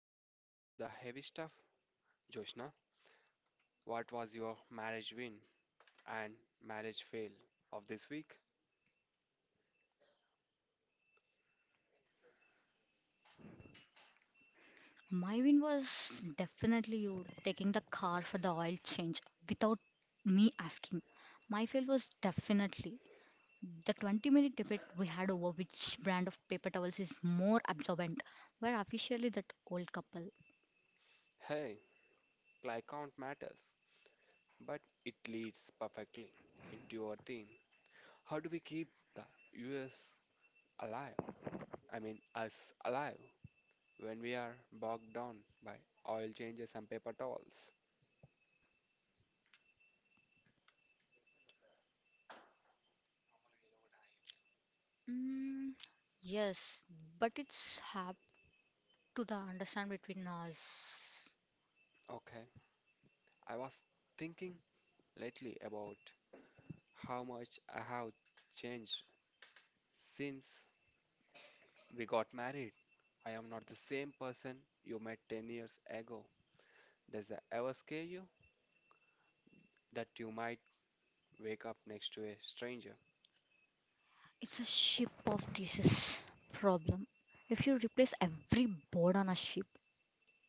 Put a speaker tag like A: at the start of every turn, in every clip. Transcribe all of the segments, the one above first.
A: Before we get into the heavy stuff, Joshna, what was your marriage win and marriage fail of this week?
B: My win was definitely you taking the car for the oil change without me asking. My fail was definitely the 20-minute debate we had over which brand of paper towels is more absorbent. Were officially that old couple.
A: Hey, play count matters, but it leads perfectly into our theme. How do we keep the US alive? I mean, us alive when we are bogged down by oil changes and paper towels?
B: Mm, yes, but it's have to the understand between us.
A: Okay, I was thinking lately about how much I have changed since we got married. I am not the same person you met 10 years ago. Does that ever scare you? That you might wake up next to a stranger.
B: It's a ship of thesis problem. If you replace every board on a ship,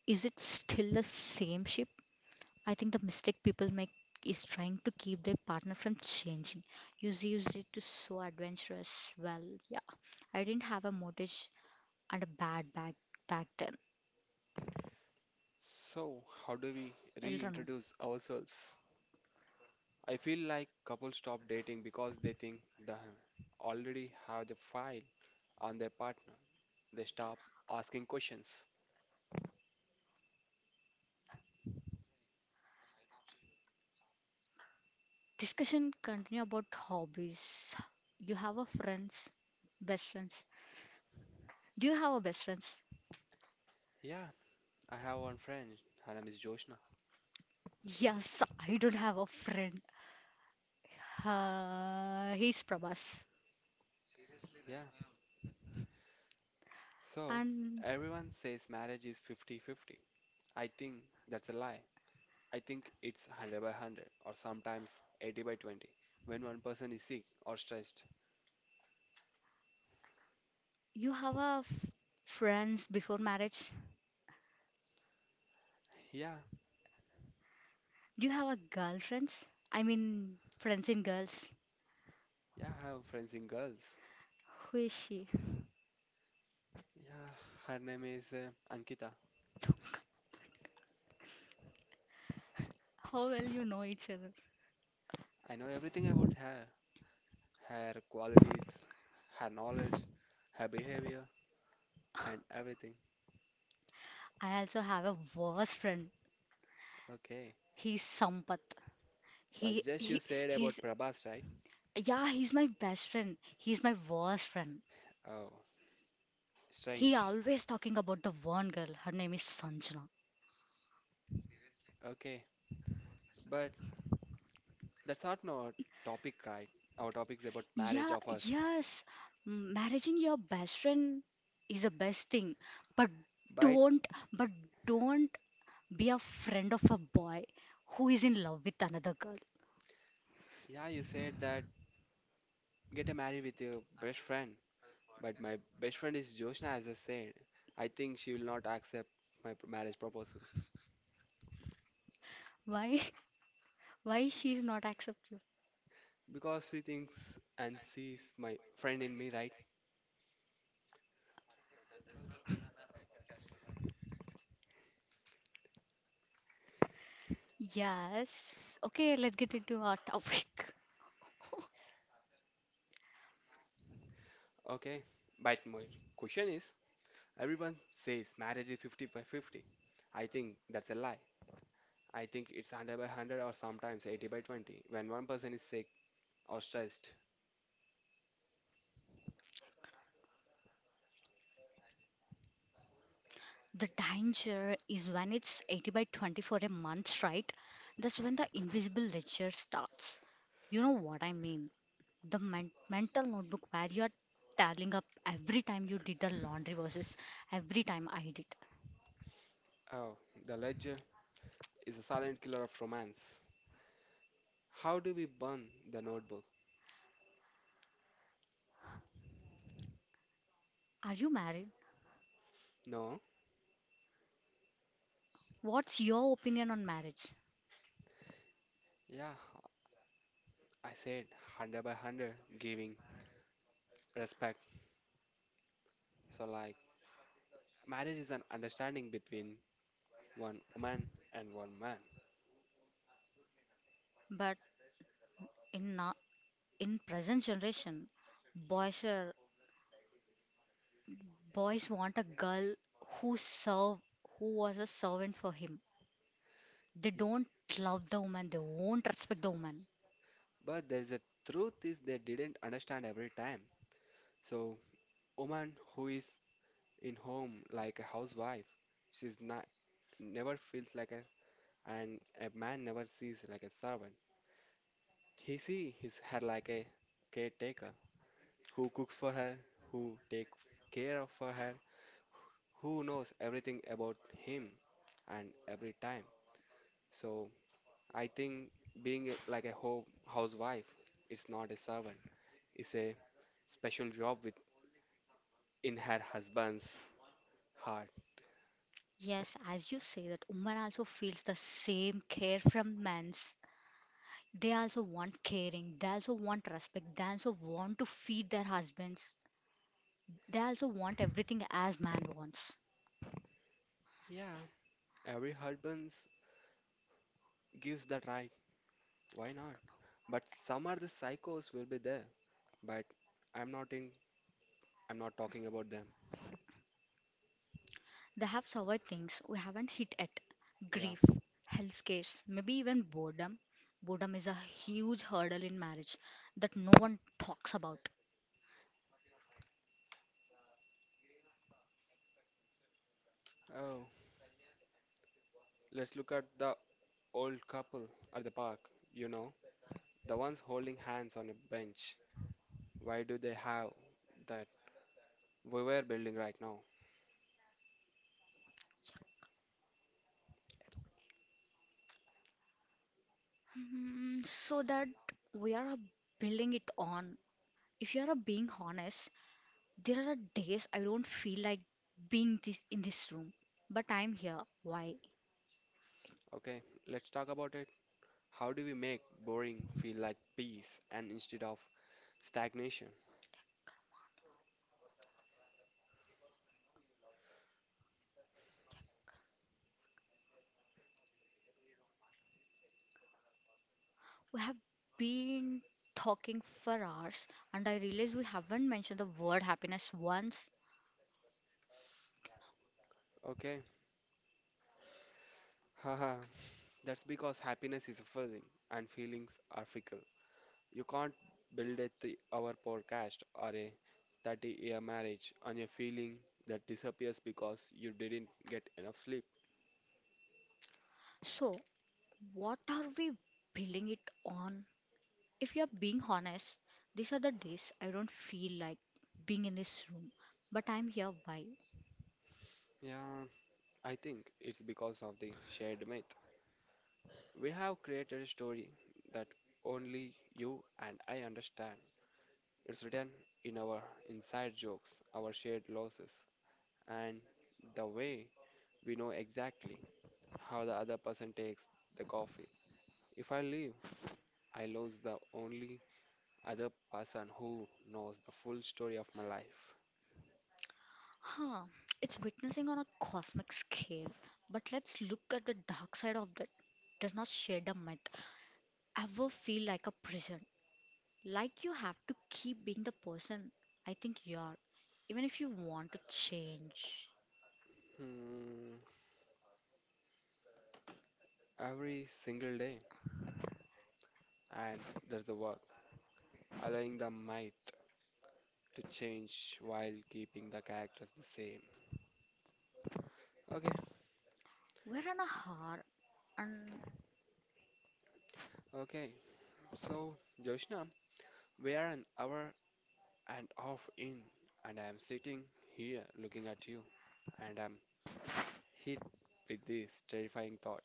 B: is it still the same ship? I think the mistake people make is trying to keep their partner from changing. Use it to so adventurous. Well, yeah. I didn't have a mortgage and a bad bag back then.
A: So, how do we
B: Elrano.
A: reintroduce ourselves? I feel like couples stop dating because they think they already have the file on their partner. They stop asking questions.
B: Discussion continue about hobbies. You have a friends, best friends. Do you have a best friends?
A: Yeah, I have one friend. Her name is Joshna.
B: Yes, I don't have a friend. He's Prabhas.
A: Yeah. So,
B: And
A: everyone says marriage is 50-50. I think that's a lie. I think it's 100 by 100, or sometimes 80 by 20 when one person is sick or stressed.
B: you have a friends before marriage?
A: Yeah,
B: Do you have a girlfriends? I mean, friends in girls.
A: yeah, I have friends in girls.
B: Who is she?
A: Yeah, her name is Ankita.
B: How well you know each other?
A: I know everything about her, her qualities, her knowledge, her behavior, and everything.
B: I also have a worst friend.
A: Okay,
B: He's Sampath.
A: but
B: He
A: just you
B: he
A: said about
B: he's,
A: Prabhas, right?
B: yeah, he's my best friend. He's my worst friend.
A: Oh,
B: He
A: strange.
B: always talking about the one girl. Her name is Sanjana.
A: Okay, but that's not our topic, right? Our topic is about marriage
B: Yeah,
A: of us.
B: yes. Marrying your best friend is the best thing, but
A: But
B: don't, but don't be a friend of a boy who is in love with another girl.
A: yeah, you said that get a married with your best friend, but my best friend is Joshna, as I said. I think she will not accept my marriage proposal
B: Why why she's not accept you?
A: because she thinks and sees my friend in me, right?
B: Yes. Okay, let's get into our topic.
A: Okay, but my question is, everyone says marriage is 50 by 50. I think that's a lie. I think it's 100 by 100, or sometimes 80 by 20 when one person is sick or stressed.
B: The danger is when it's 80 by 20 for a month, right? That's when the invisible ledger starts, you know what I mean, the mental notebook where you're tallying up every time you did the laundry versus every time I did.
A: Oh, the ledger is a silent killer of romance. How do we burn the notebook?
B: Are you married?
A: No,
B: What's your opinion on marriage?
A: yeah, I said 100 by 100, giving respect. So, like, marriage is an understanding between one woman and one man.
B: But in now, in present generation, boys are boys want a girl who serve, who was a servant for him. They
A: Y-
B: don't love the woman. They won't respect the woman.
A: But there is a truth is they didn't understand every time. So, woman who is in home like a housewife, she's not never feels like a, and a man never sees like a servant. He see his her like a caretaker who cooks for her, who take care of for her, who knows everything about him and every time. So I think being like a ho housewife, it's not a servant, it's a special job with in her husband's heart.
B: Yes, as you say, that woman also feels the same care from men's. They also want caring. They also want respect. They also want to feed their husbands. They also want everything as man wants.
A: Yeah, every husband gives that right. Why not? But some are the psychos will be there. But I'm not in. I'm not talking about them.
B: They have survived things we haven't hit at
A: Yeah.
B: grief, health scares, maybe even boredom. Boredom is a huge hurdle in marriage that no one talks about.
A: Oh, let's look at the old couple at the park. You know, the ones holding hands on a bench. Why do they have that we were building right now?
B: So that we are building it on. If you are being honest, there are days I don't feel like being this in this room, but I'm here. Why?
A: Okay, let's talk about it. How do we make boring feel like peace and instead of stagnation?
B: We have been talking for hours, and I realize we haven't mentioned the word happiness once.
A: Okay. Haha, that's because happiness is a feeling and feelings are fickle. You can't build a 3 hour podcast or a 30-year marriage on a feeling that disappears because you didn't get enough sleep.
B: So what are we building it on? If you're being honest, these are the days I don't feel like being in this room, but I'm here. Why?
A: Yeah, I think it's because of the shared myth. We have created a story that only you and I understand. It's written in our inside jokes, our shared losses, and the way we know exactly how the other person takes the coffee. If I leave, I lose the only other person who knows the full story of my life.
B: Huh, it's witnessing on a cosmic scale, but let's look at the dark side of that. Does not shed a myth ever feel like a prison? Like you have to keep being the person I think you are, even if you want to change.
A: Hmm, every single day, and that's the work, allowing the myth to change while keeping the characters the same. Okay,
B: We're on a hour and
A: okay. So, Joshna, we are an hour and half in, and I am sitting here looking at you, and I'm hit with this terrifying thought.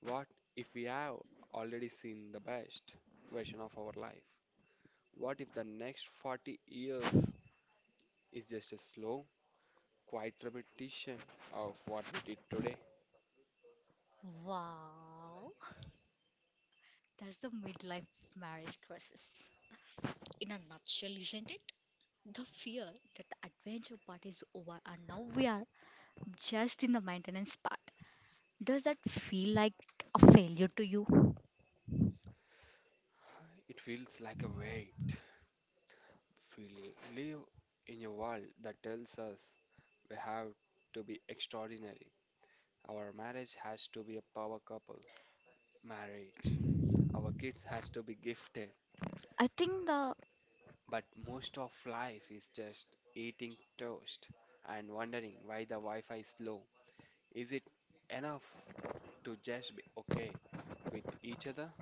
A: What if we have already seen the best version of our life? What if the next 40 years is just a slow, quiet repetition of what we did today?
B: Wow. That's the midlife marriage crisis. In a nutshell, isn't it? The fear that the adventure part is over and now we are just in the maintenance part. Does that feel like a failure to you?
A: It feels like a weight. We live in a world that tells us we have to be extraordinary. Our marriage has to be a power couple marriage. Our kids has to be gifted.
B: I think the
A: But most of life is just eating toast and wondering why the Wi-Fi is slow. Is it enough to just be okay with each other?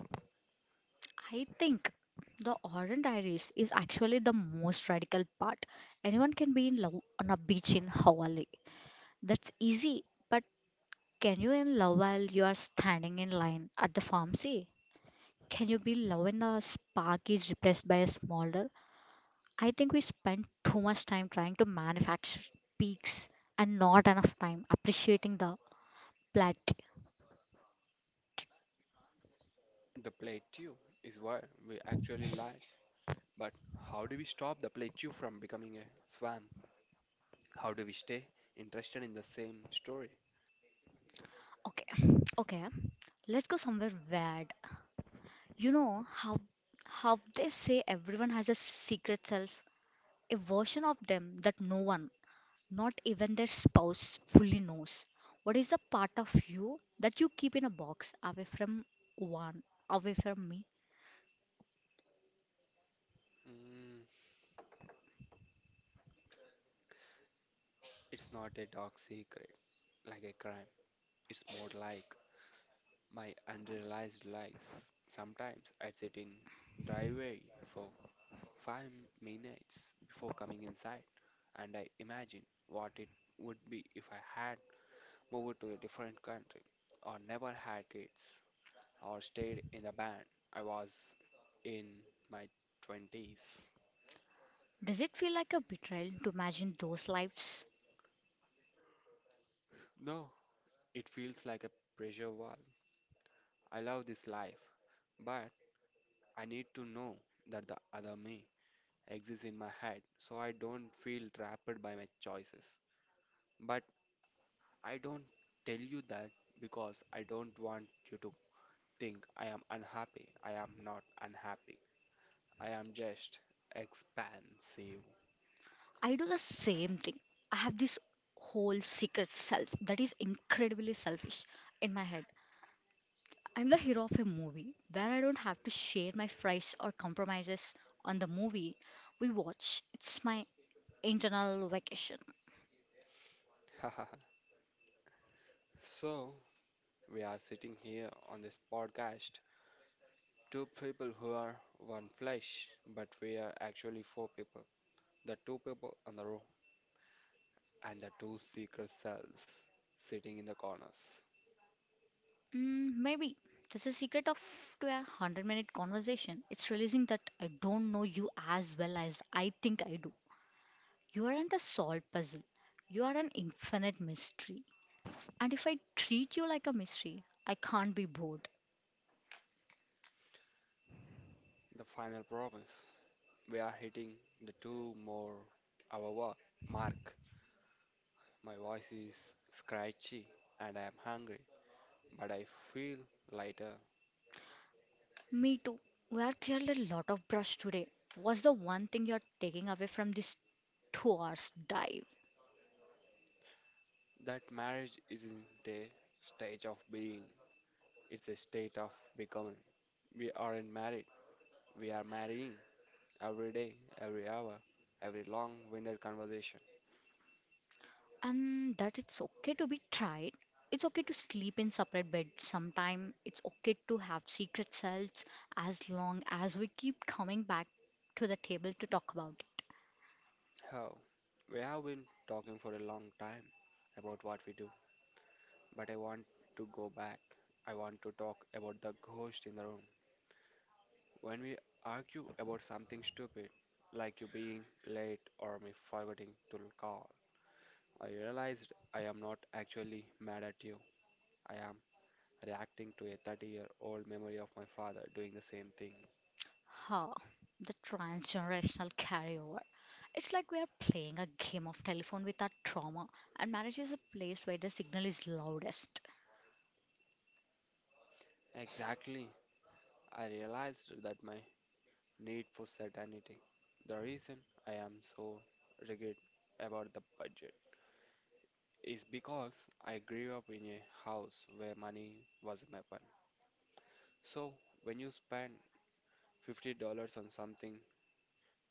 B: I think the orange iris is actually the most radical part. Anyone can be in love on a beach in Hawaii. That's easy, but can you in love while you are standing in line at the pharmacy? Can you be in love when the spark is replaced by a smaller? I think we spend too much time trying to manufacture peaks and not enough time appreciating the plateau.
A: The plateau is where we actually lie. But how do we stop the plateau from becoming a swamp? How do we stay interested in the same story?
B: Okay, okay, let's go somewhere weird. You know how they say everyone has a secret self, a version of them that no one, not even their spouse, fully knows. What is the part of you that you keep in a box away from one, away from me?
A: Mm, it's not a dark secret like a crime. It's more like my unrealized lies. Sometimes I'd sit in driveway for 5 minutes before coming inside, and I imagine what it would be if I had moved to a different country, or never had kids, or stayed in the band I was in my twenties.
B: Does it feel like a betrayal to imagine those lives?
A: No, it feels like a pressure wall. I love this life, but I need to know that the other me exists in my head, so I don't feel trapped by my choices. But I don't tell you that because I don't want you to think I am unhappy. I am not unhappy. I am just expansive.
B: I do the same thing. I have this whole secret self that is incredibly selfish in my head. I'm the hero of a movie where I don't have to share my fries or compromises on the movie we watch. It's my internal vacation.
A: So, we are sitting here on this podcast, two people who are one flesh, but we are actually four people. The two people in the room and the two secret cells sitting in the corners.
B: Maybe that's the secret of to a 100-minute conversation. It's realizing that I don't know you as well as I think I do. You aren't a solved puzzle. You are an infinite mystery. And if I treat you like a mystery, I can't be bored.
A: The final promise. We are hitting the two more hour mark. My voice is scratchy and I am hungry, but I feel lighter.
B: Me too. We have cleared a lot of brush today. What's the one thing you're taking away from this 2 hours dive?
A: That marriage isn't a stage of being, it's a state of becoming. We aren't married, we are marrying every day, every hour, every long winded conversation.
B: And that it's okay to be tried, it's okay to sleep in separate beds sometime, it's okay to have secret selves, as long as we keep coming back to the table to talk about it.
A: Oh, we have been talking for a long time about what we do, but I want to go back. I want to talk about the ghost in the room. When we argue about something stupid, like you being late or me forgetting to call, I realized I am not actually mad at you. I am reacting to a 30-year-old memory of my father doing the same thing.
B: Huh, the transgenerational carryover. It's like we are playing a game of telephone with our trauma, and marriage is a place where the signal is loudest.
A: Exactly. I realized that my need for certainty. The reason I am so rigid about the budget is because I grew up in a house where money was a weapon. So when you spend $50 on something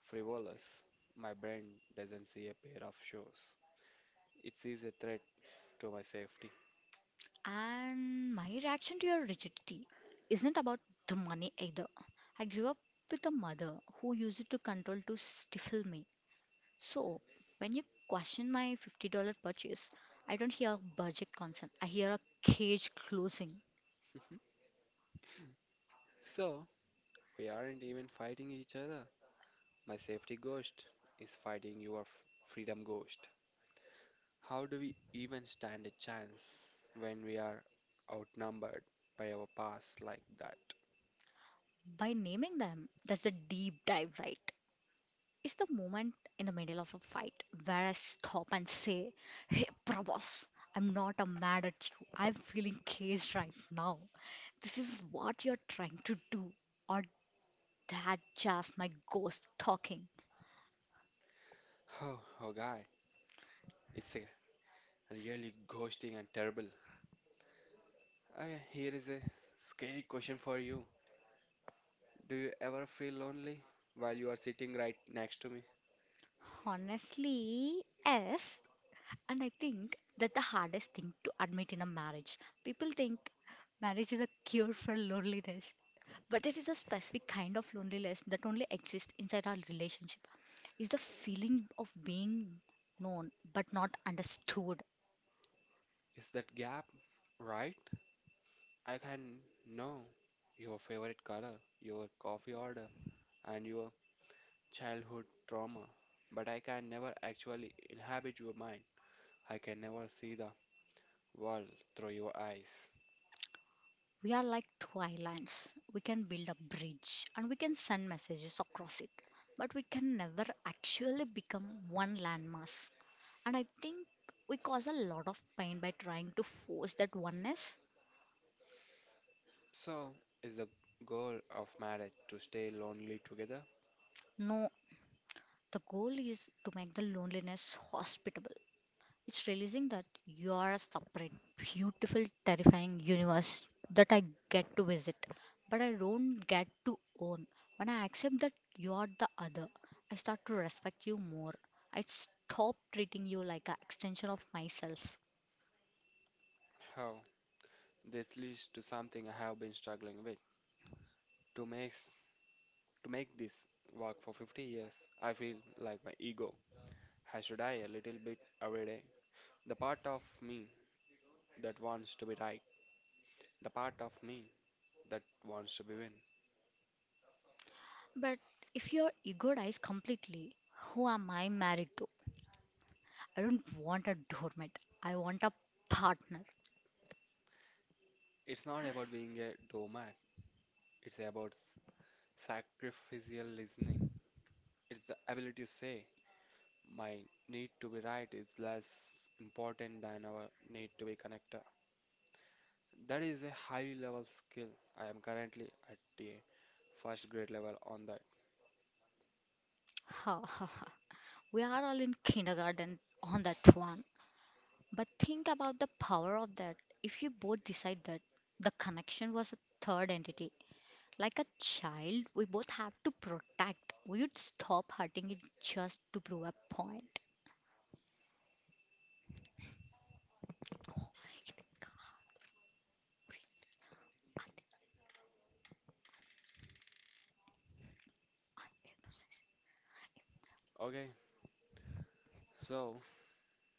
A: frivolous. My brain doesn't see a pair of shoes. It sees a threat to my safety.
B: And my reaction to your rigidity isn't about the money either. I grew up with a mother who used it to control to stifle me. So when you question my $50 purchase, I don't hear budget concern. I hear a cage closing.
A: So, we aren't even fighting each other. My safety ghost is fighting your freedom ghost. How do we even stand a chance when we are outnumbered by our past like that?
B: By naming them, that's the deep dive, right? It's the moment in the middle of a fight where I stop and say, Hey, Prabhas, I'm not mad at you. I'm feeling caged right now. This is what you're trying to do. Or that just my ghost talking.
A: Oh, God, it's a really ghosting and terrible. Okay, here is a scary question for you. Do you ever feel lonely while you are sitting right next to me?
B: Honestly, yes. And I think that the hardest thing to admit in a marriage. People think marriage is a cure for loneliness. But there is a specific kind of loneliness that only exists inside our relationship. It's the feeling of being known but not understood.
A: Is that gap right? I can know your favorite color, your coffee order, and your childhood trauma, but I can never actually inhabit your mind. I can never see the world through your eyes.
B: We are like two islands. We can build a bridge and we can send messages across it. But we can never actually become one landmass. And I think we cause a lot of pain by trying to force that oneness.
A: So, is the goal of marriage to stay lonely together?
B: No, the goal is to make the loneliness hospitable. It's realizing that you are a separate, beautiful, terrifying universe that I get to visit, but I don't get to own. When I accept that you are the other, I start to respect you more. I stop treating you like an extension of myself.
A: How? This leads to something I have been struggling with. To to make this work for 50 years, I feel like my ego has to die a little bit every day. The part of me that wants to be right, the part of me that wants to be win.
B: But if you're egoized completely, who am I married to? I don't want a doormat. I want a partner.
A: It's not about being a doormat, it's about sacrificial listening. It's the ability to say, my need to be right is less important than our need to be connected. That is a high level skill. I am currently at the first grade level on that.
B: Ha ha ha. We are all in kindergarten on that one. But think about the power of that. If you both decide that the connection was a third entity, like a child, we both have to protect. We would stop hurting it just to prove a point.
A: Okay, so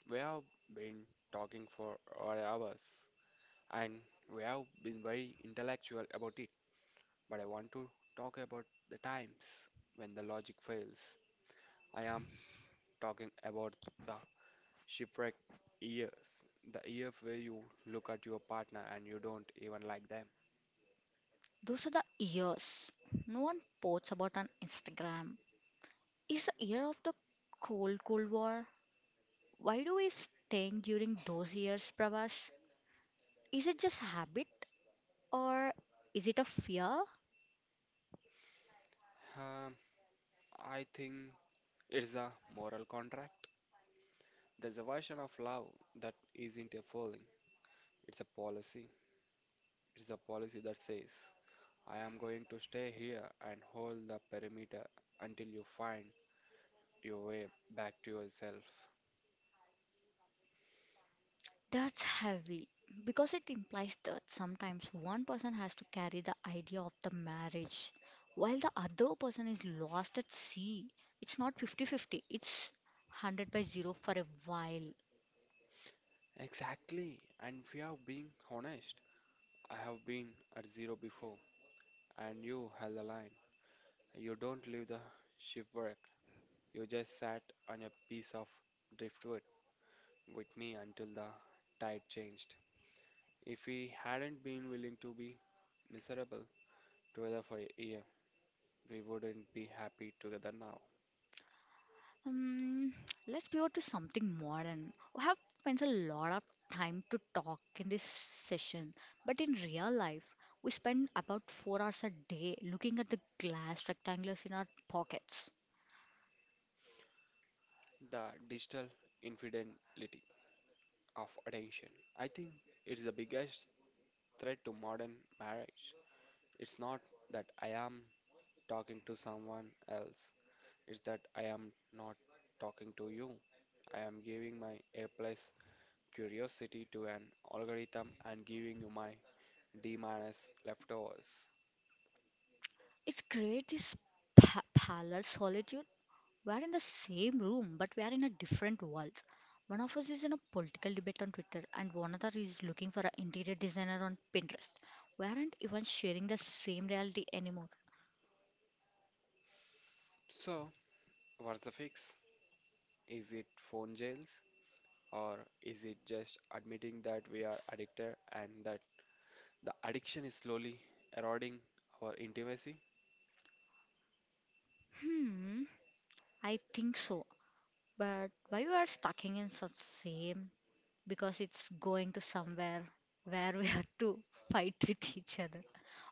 A: we have been talking for our hours and we have been very intellectual about it, but I want to talk about the times when the logic fails. I am talking about the shipwreck years, the year where you look at your partner and you don't even like them.
B: Those are the years. No one posts about on Instagram. It's a year of the cold, cold war. Why do we sting during those years, Prabhas? Is it just habit or is it a fear?
A: Um, I think it's a moral contract. There's a version of love that isn't a feeling, it's a policy. It's a policy that says, I am going to stay here and hold the perimeter until you find your way back to yourself.
B: That's heavy because it implies that sometimes one person has to carry the idea of the marriage while the other person is lost at sea. It's not fifty-fifty; it's 100 by 0 for a while.
A: Exactly. And if you have been honest, I have been at zero before, and you held the line. You don't leave the shift work. You just sat on a piece of driftwood with me until the tide changed. If we hadn't been willing to be miserable together for a year, we wouldn't be happy together now.
B: Um, let's pivot to something modern. We have spent a lot of time to talk in this session, but in real life, we spend about 4 hours a day looking at the glass rectangles in our pockets.
A: The digital infidelity of attention. I think it's the biggest threat to modern marriage. It's not that I am talking to someone else. It's that I am not talking to you. I am giving my A plus curiosity to an algorithm and giving you my D minus leftovers.
B: It's great this parallel solitude. We are in the same room, but we are in a different worlds. One of us is in a political debate on Twitter, and one other is looking for an interior designer on Pinterest. We aren't even sharing the same reality anymore.
A: So, what's the fix? Is it phone jails? Or is it just admitting that we are addicted and that the addiction is slowly eroding our intimacy?
B: Hmm, I think so. But why we are stuck in such same? Because it's going to somewhere where we have to fight with each other.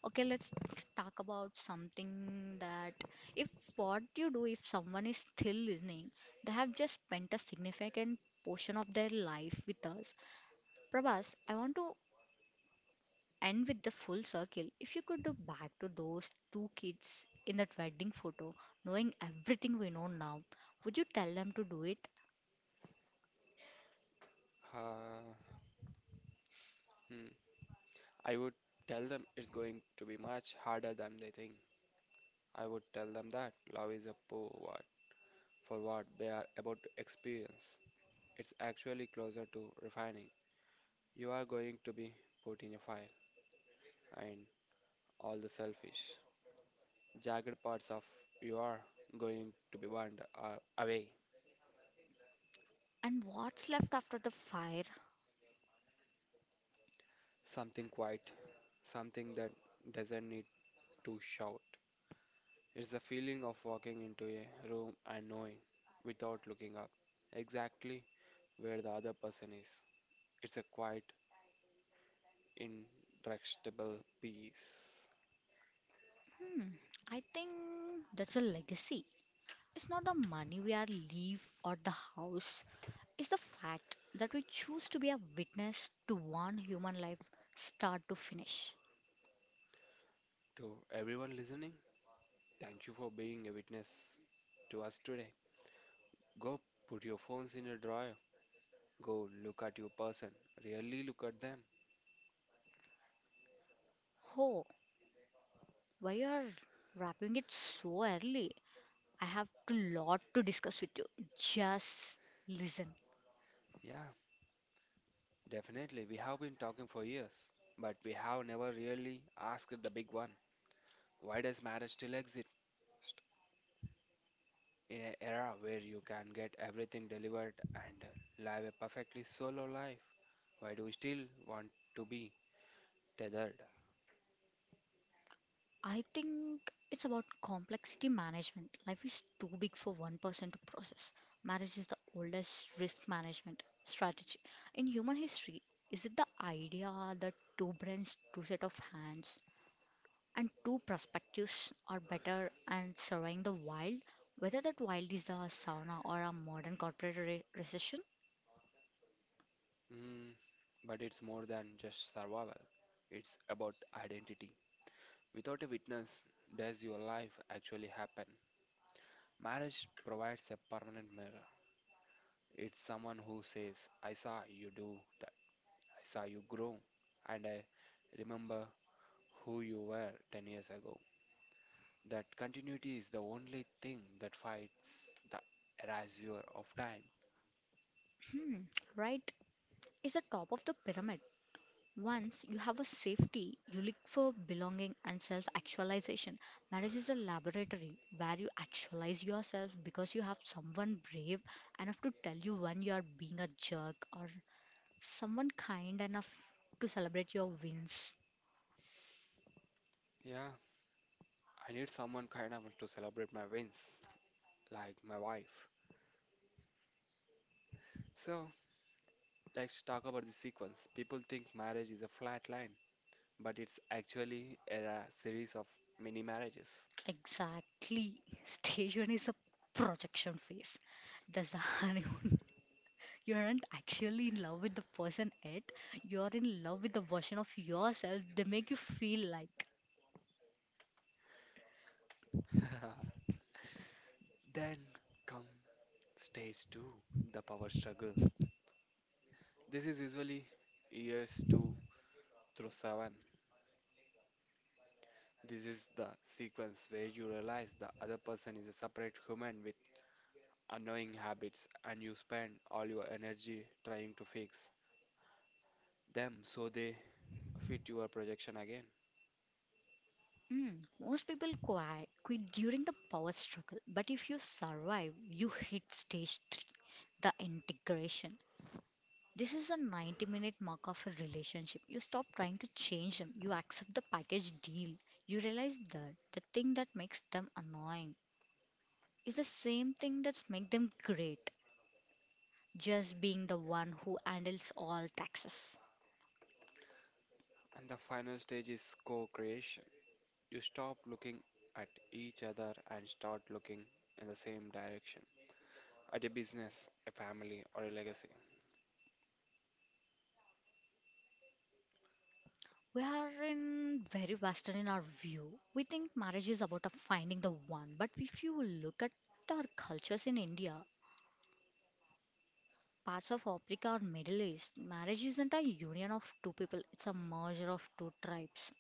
B: Okay, let's talk about something that if what you do if someone is still listening, they have just spent a significant portion of their life with us. Prabhas, I want to and with the full circle. If you could go back to those two kids in that wedding photo, knowing everything we know now, would you tell them to do it?
A: Uh, hmm. I would tell them it's going to be much harder than they think. I would tell them that love is a poor word for what they are about to experience. It's actually closer to refining. You are going to be put in a fire, and all the selfish, jagged parts of you are going to be burned away.
B: And what's left after the fire?
A: Something quiet, something that doesn't need to shout. It's the feeling of walking into a room and knowing, without looking up, exactly where the other person is. It's a quiet, intractable peace.
B: Hmm, I think that's a legacy. It's not the money we are leave or the house. It's the fact that we choose to be a witness to one human life start to finish.
A: To everyone listening, thank you for being a witness to us today. Go put your phones in a drawer. Go look at your person. Really look at them.
B: Oh, why you are wrapping it so early? I have a lot to discuss with you. Just listen.
A: Yeah, definitely. We have been talking for years, but we have never really asked the big one. Why does marriage still exist? In an era where you can get everything delivered and live a perfectly solo life, why do we still want to be tethered?
B: I think it's about complexity management. Life is too big for one person to process. Marriage is the oldest risk management strategy in human history. Is it the idea that two brains, two set of hands, and two perspectives are better and surveying the wild? Whether that wild is the sauna or a modern corporate recession?
A: Mm, but it's more than just survival, it's about identity. Without a witness, does your life actually happen? Marriage provides a permanent mirror. It's someone who says, I saw you do that, I saw you grow, and I remember who you were 10 years ago. That continuity is the only thing that fights the erasure of time.
B: Hmm, right. Is the top of the pyramid. Once you have a safety, you look for belonging and self actualization. Marriage is a laboratory where you actualize yourself because you have someone brave enough to tell you when you are being a jerk or someone kind enough to celebrate your wins.
A: Yeah, I need someone kind of to celebrate my wins, like my wife. So, let's talk about the sequence. People think marriage is a flat line, but it's actually a series of mini marriages.
B: Exactly. Stage one is a projection phase. That's the honeymoon. You aren't actually in love with the person yet. You're in love with the version of yourself they make you feel like.
A: Then come stage two, the power struggle. This is usually years two through seven. This is the sequence where you realize the other person is a separate human with annoying habits, and you spend all your energy trying to fix them so they fit your projection again.
B: Most people quit during the power struggle, but if you survive, you hit stage 3, the integration. This is a 90-minute mark of a relationship. You stop trying to change them, you accept the package deal. You realize that the thing that makes them annoying is the same thing that's make them great, just being the one who handles all taxes.
A: And the final stage is co creation. You stop looking at each other and start looking in the same direction at a business, a family, or a legacy.
B: We are in very Western in our view. We think marriage is about a finding the one, but if you look at our cultures in India, parts of Africa or Middle East, marriage isn't a union of two people; it's a merger of two tribes.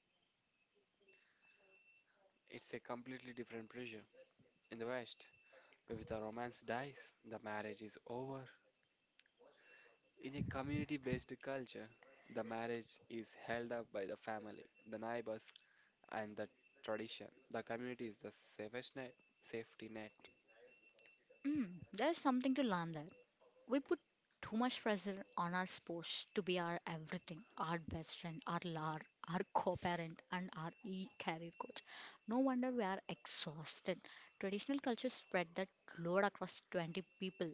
A: It's a completely different pressure. In the West, if the romance dies, the marriage is over. In a community based culture, the marriage is held up by the family, the neighbors, and the tradition. The community is the safest net, safety net.
B: There's something to learn there. We put too much pressure on our spouse to be our everything, our best friend, our lar, our co-parent, and our e-career coach. No wonder we are exhausted. Traditional culture spread that load across 20 people.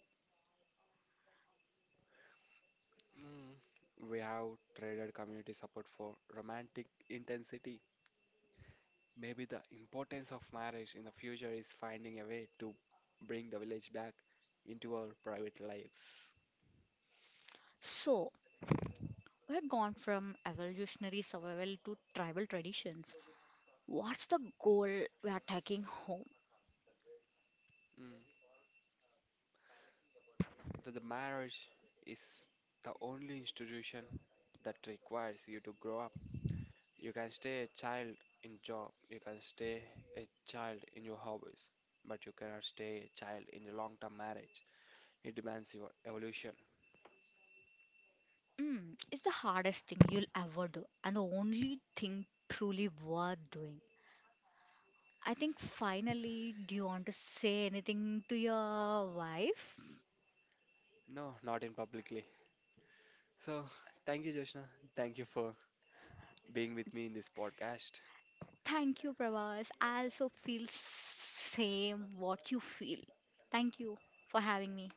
A: Mm. We have traded community support for romantic intensity. Maybe the importance of marriage in the future is finding a way to bring the village back into our private lives.
B: So, we have gone from evolutionary survival to tribal traditions. What's the goal we are taking home?
A: Mm. The marriage is the only institution that requires you to grow up. You can stay a child in job, you can stay a child in your hobbies, but you cannot stay a child in a long-term marriage. It demands your evolution.
B: It's the hardest thing you'll ever do, and the only thing truly worth doing. I think finally, do you want to say anything to your wife?
A: No, not in publicly. So, thank you, Joshna. Thank you for being with me in this podcast.
B: Thank you, Pravas. I also feel same what you feel. Thank you for having me.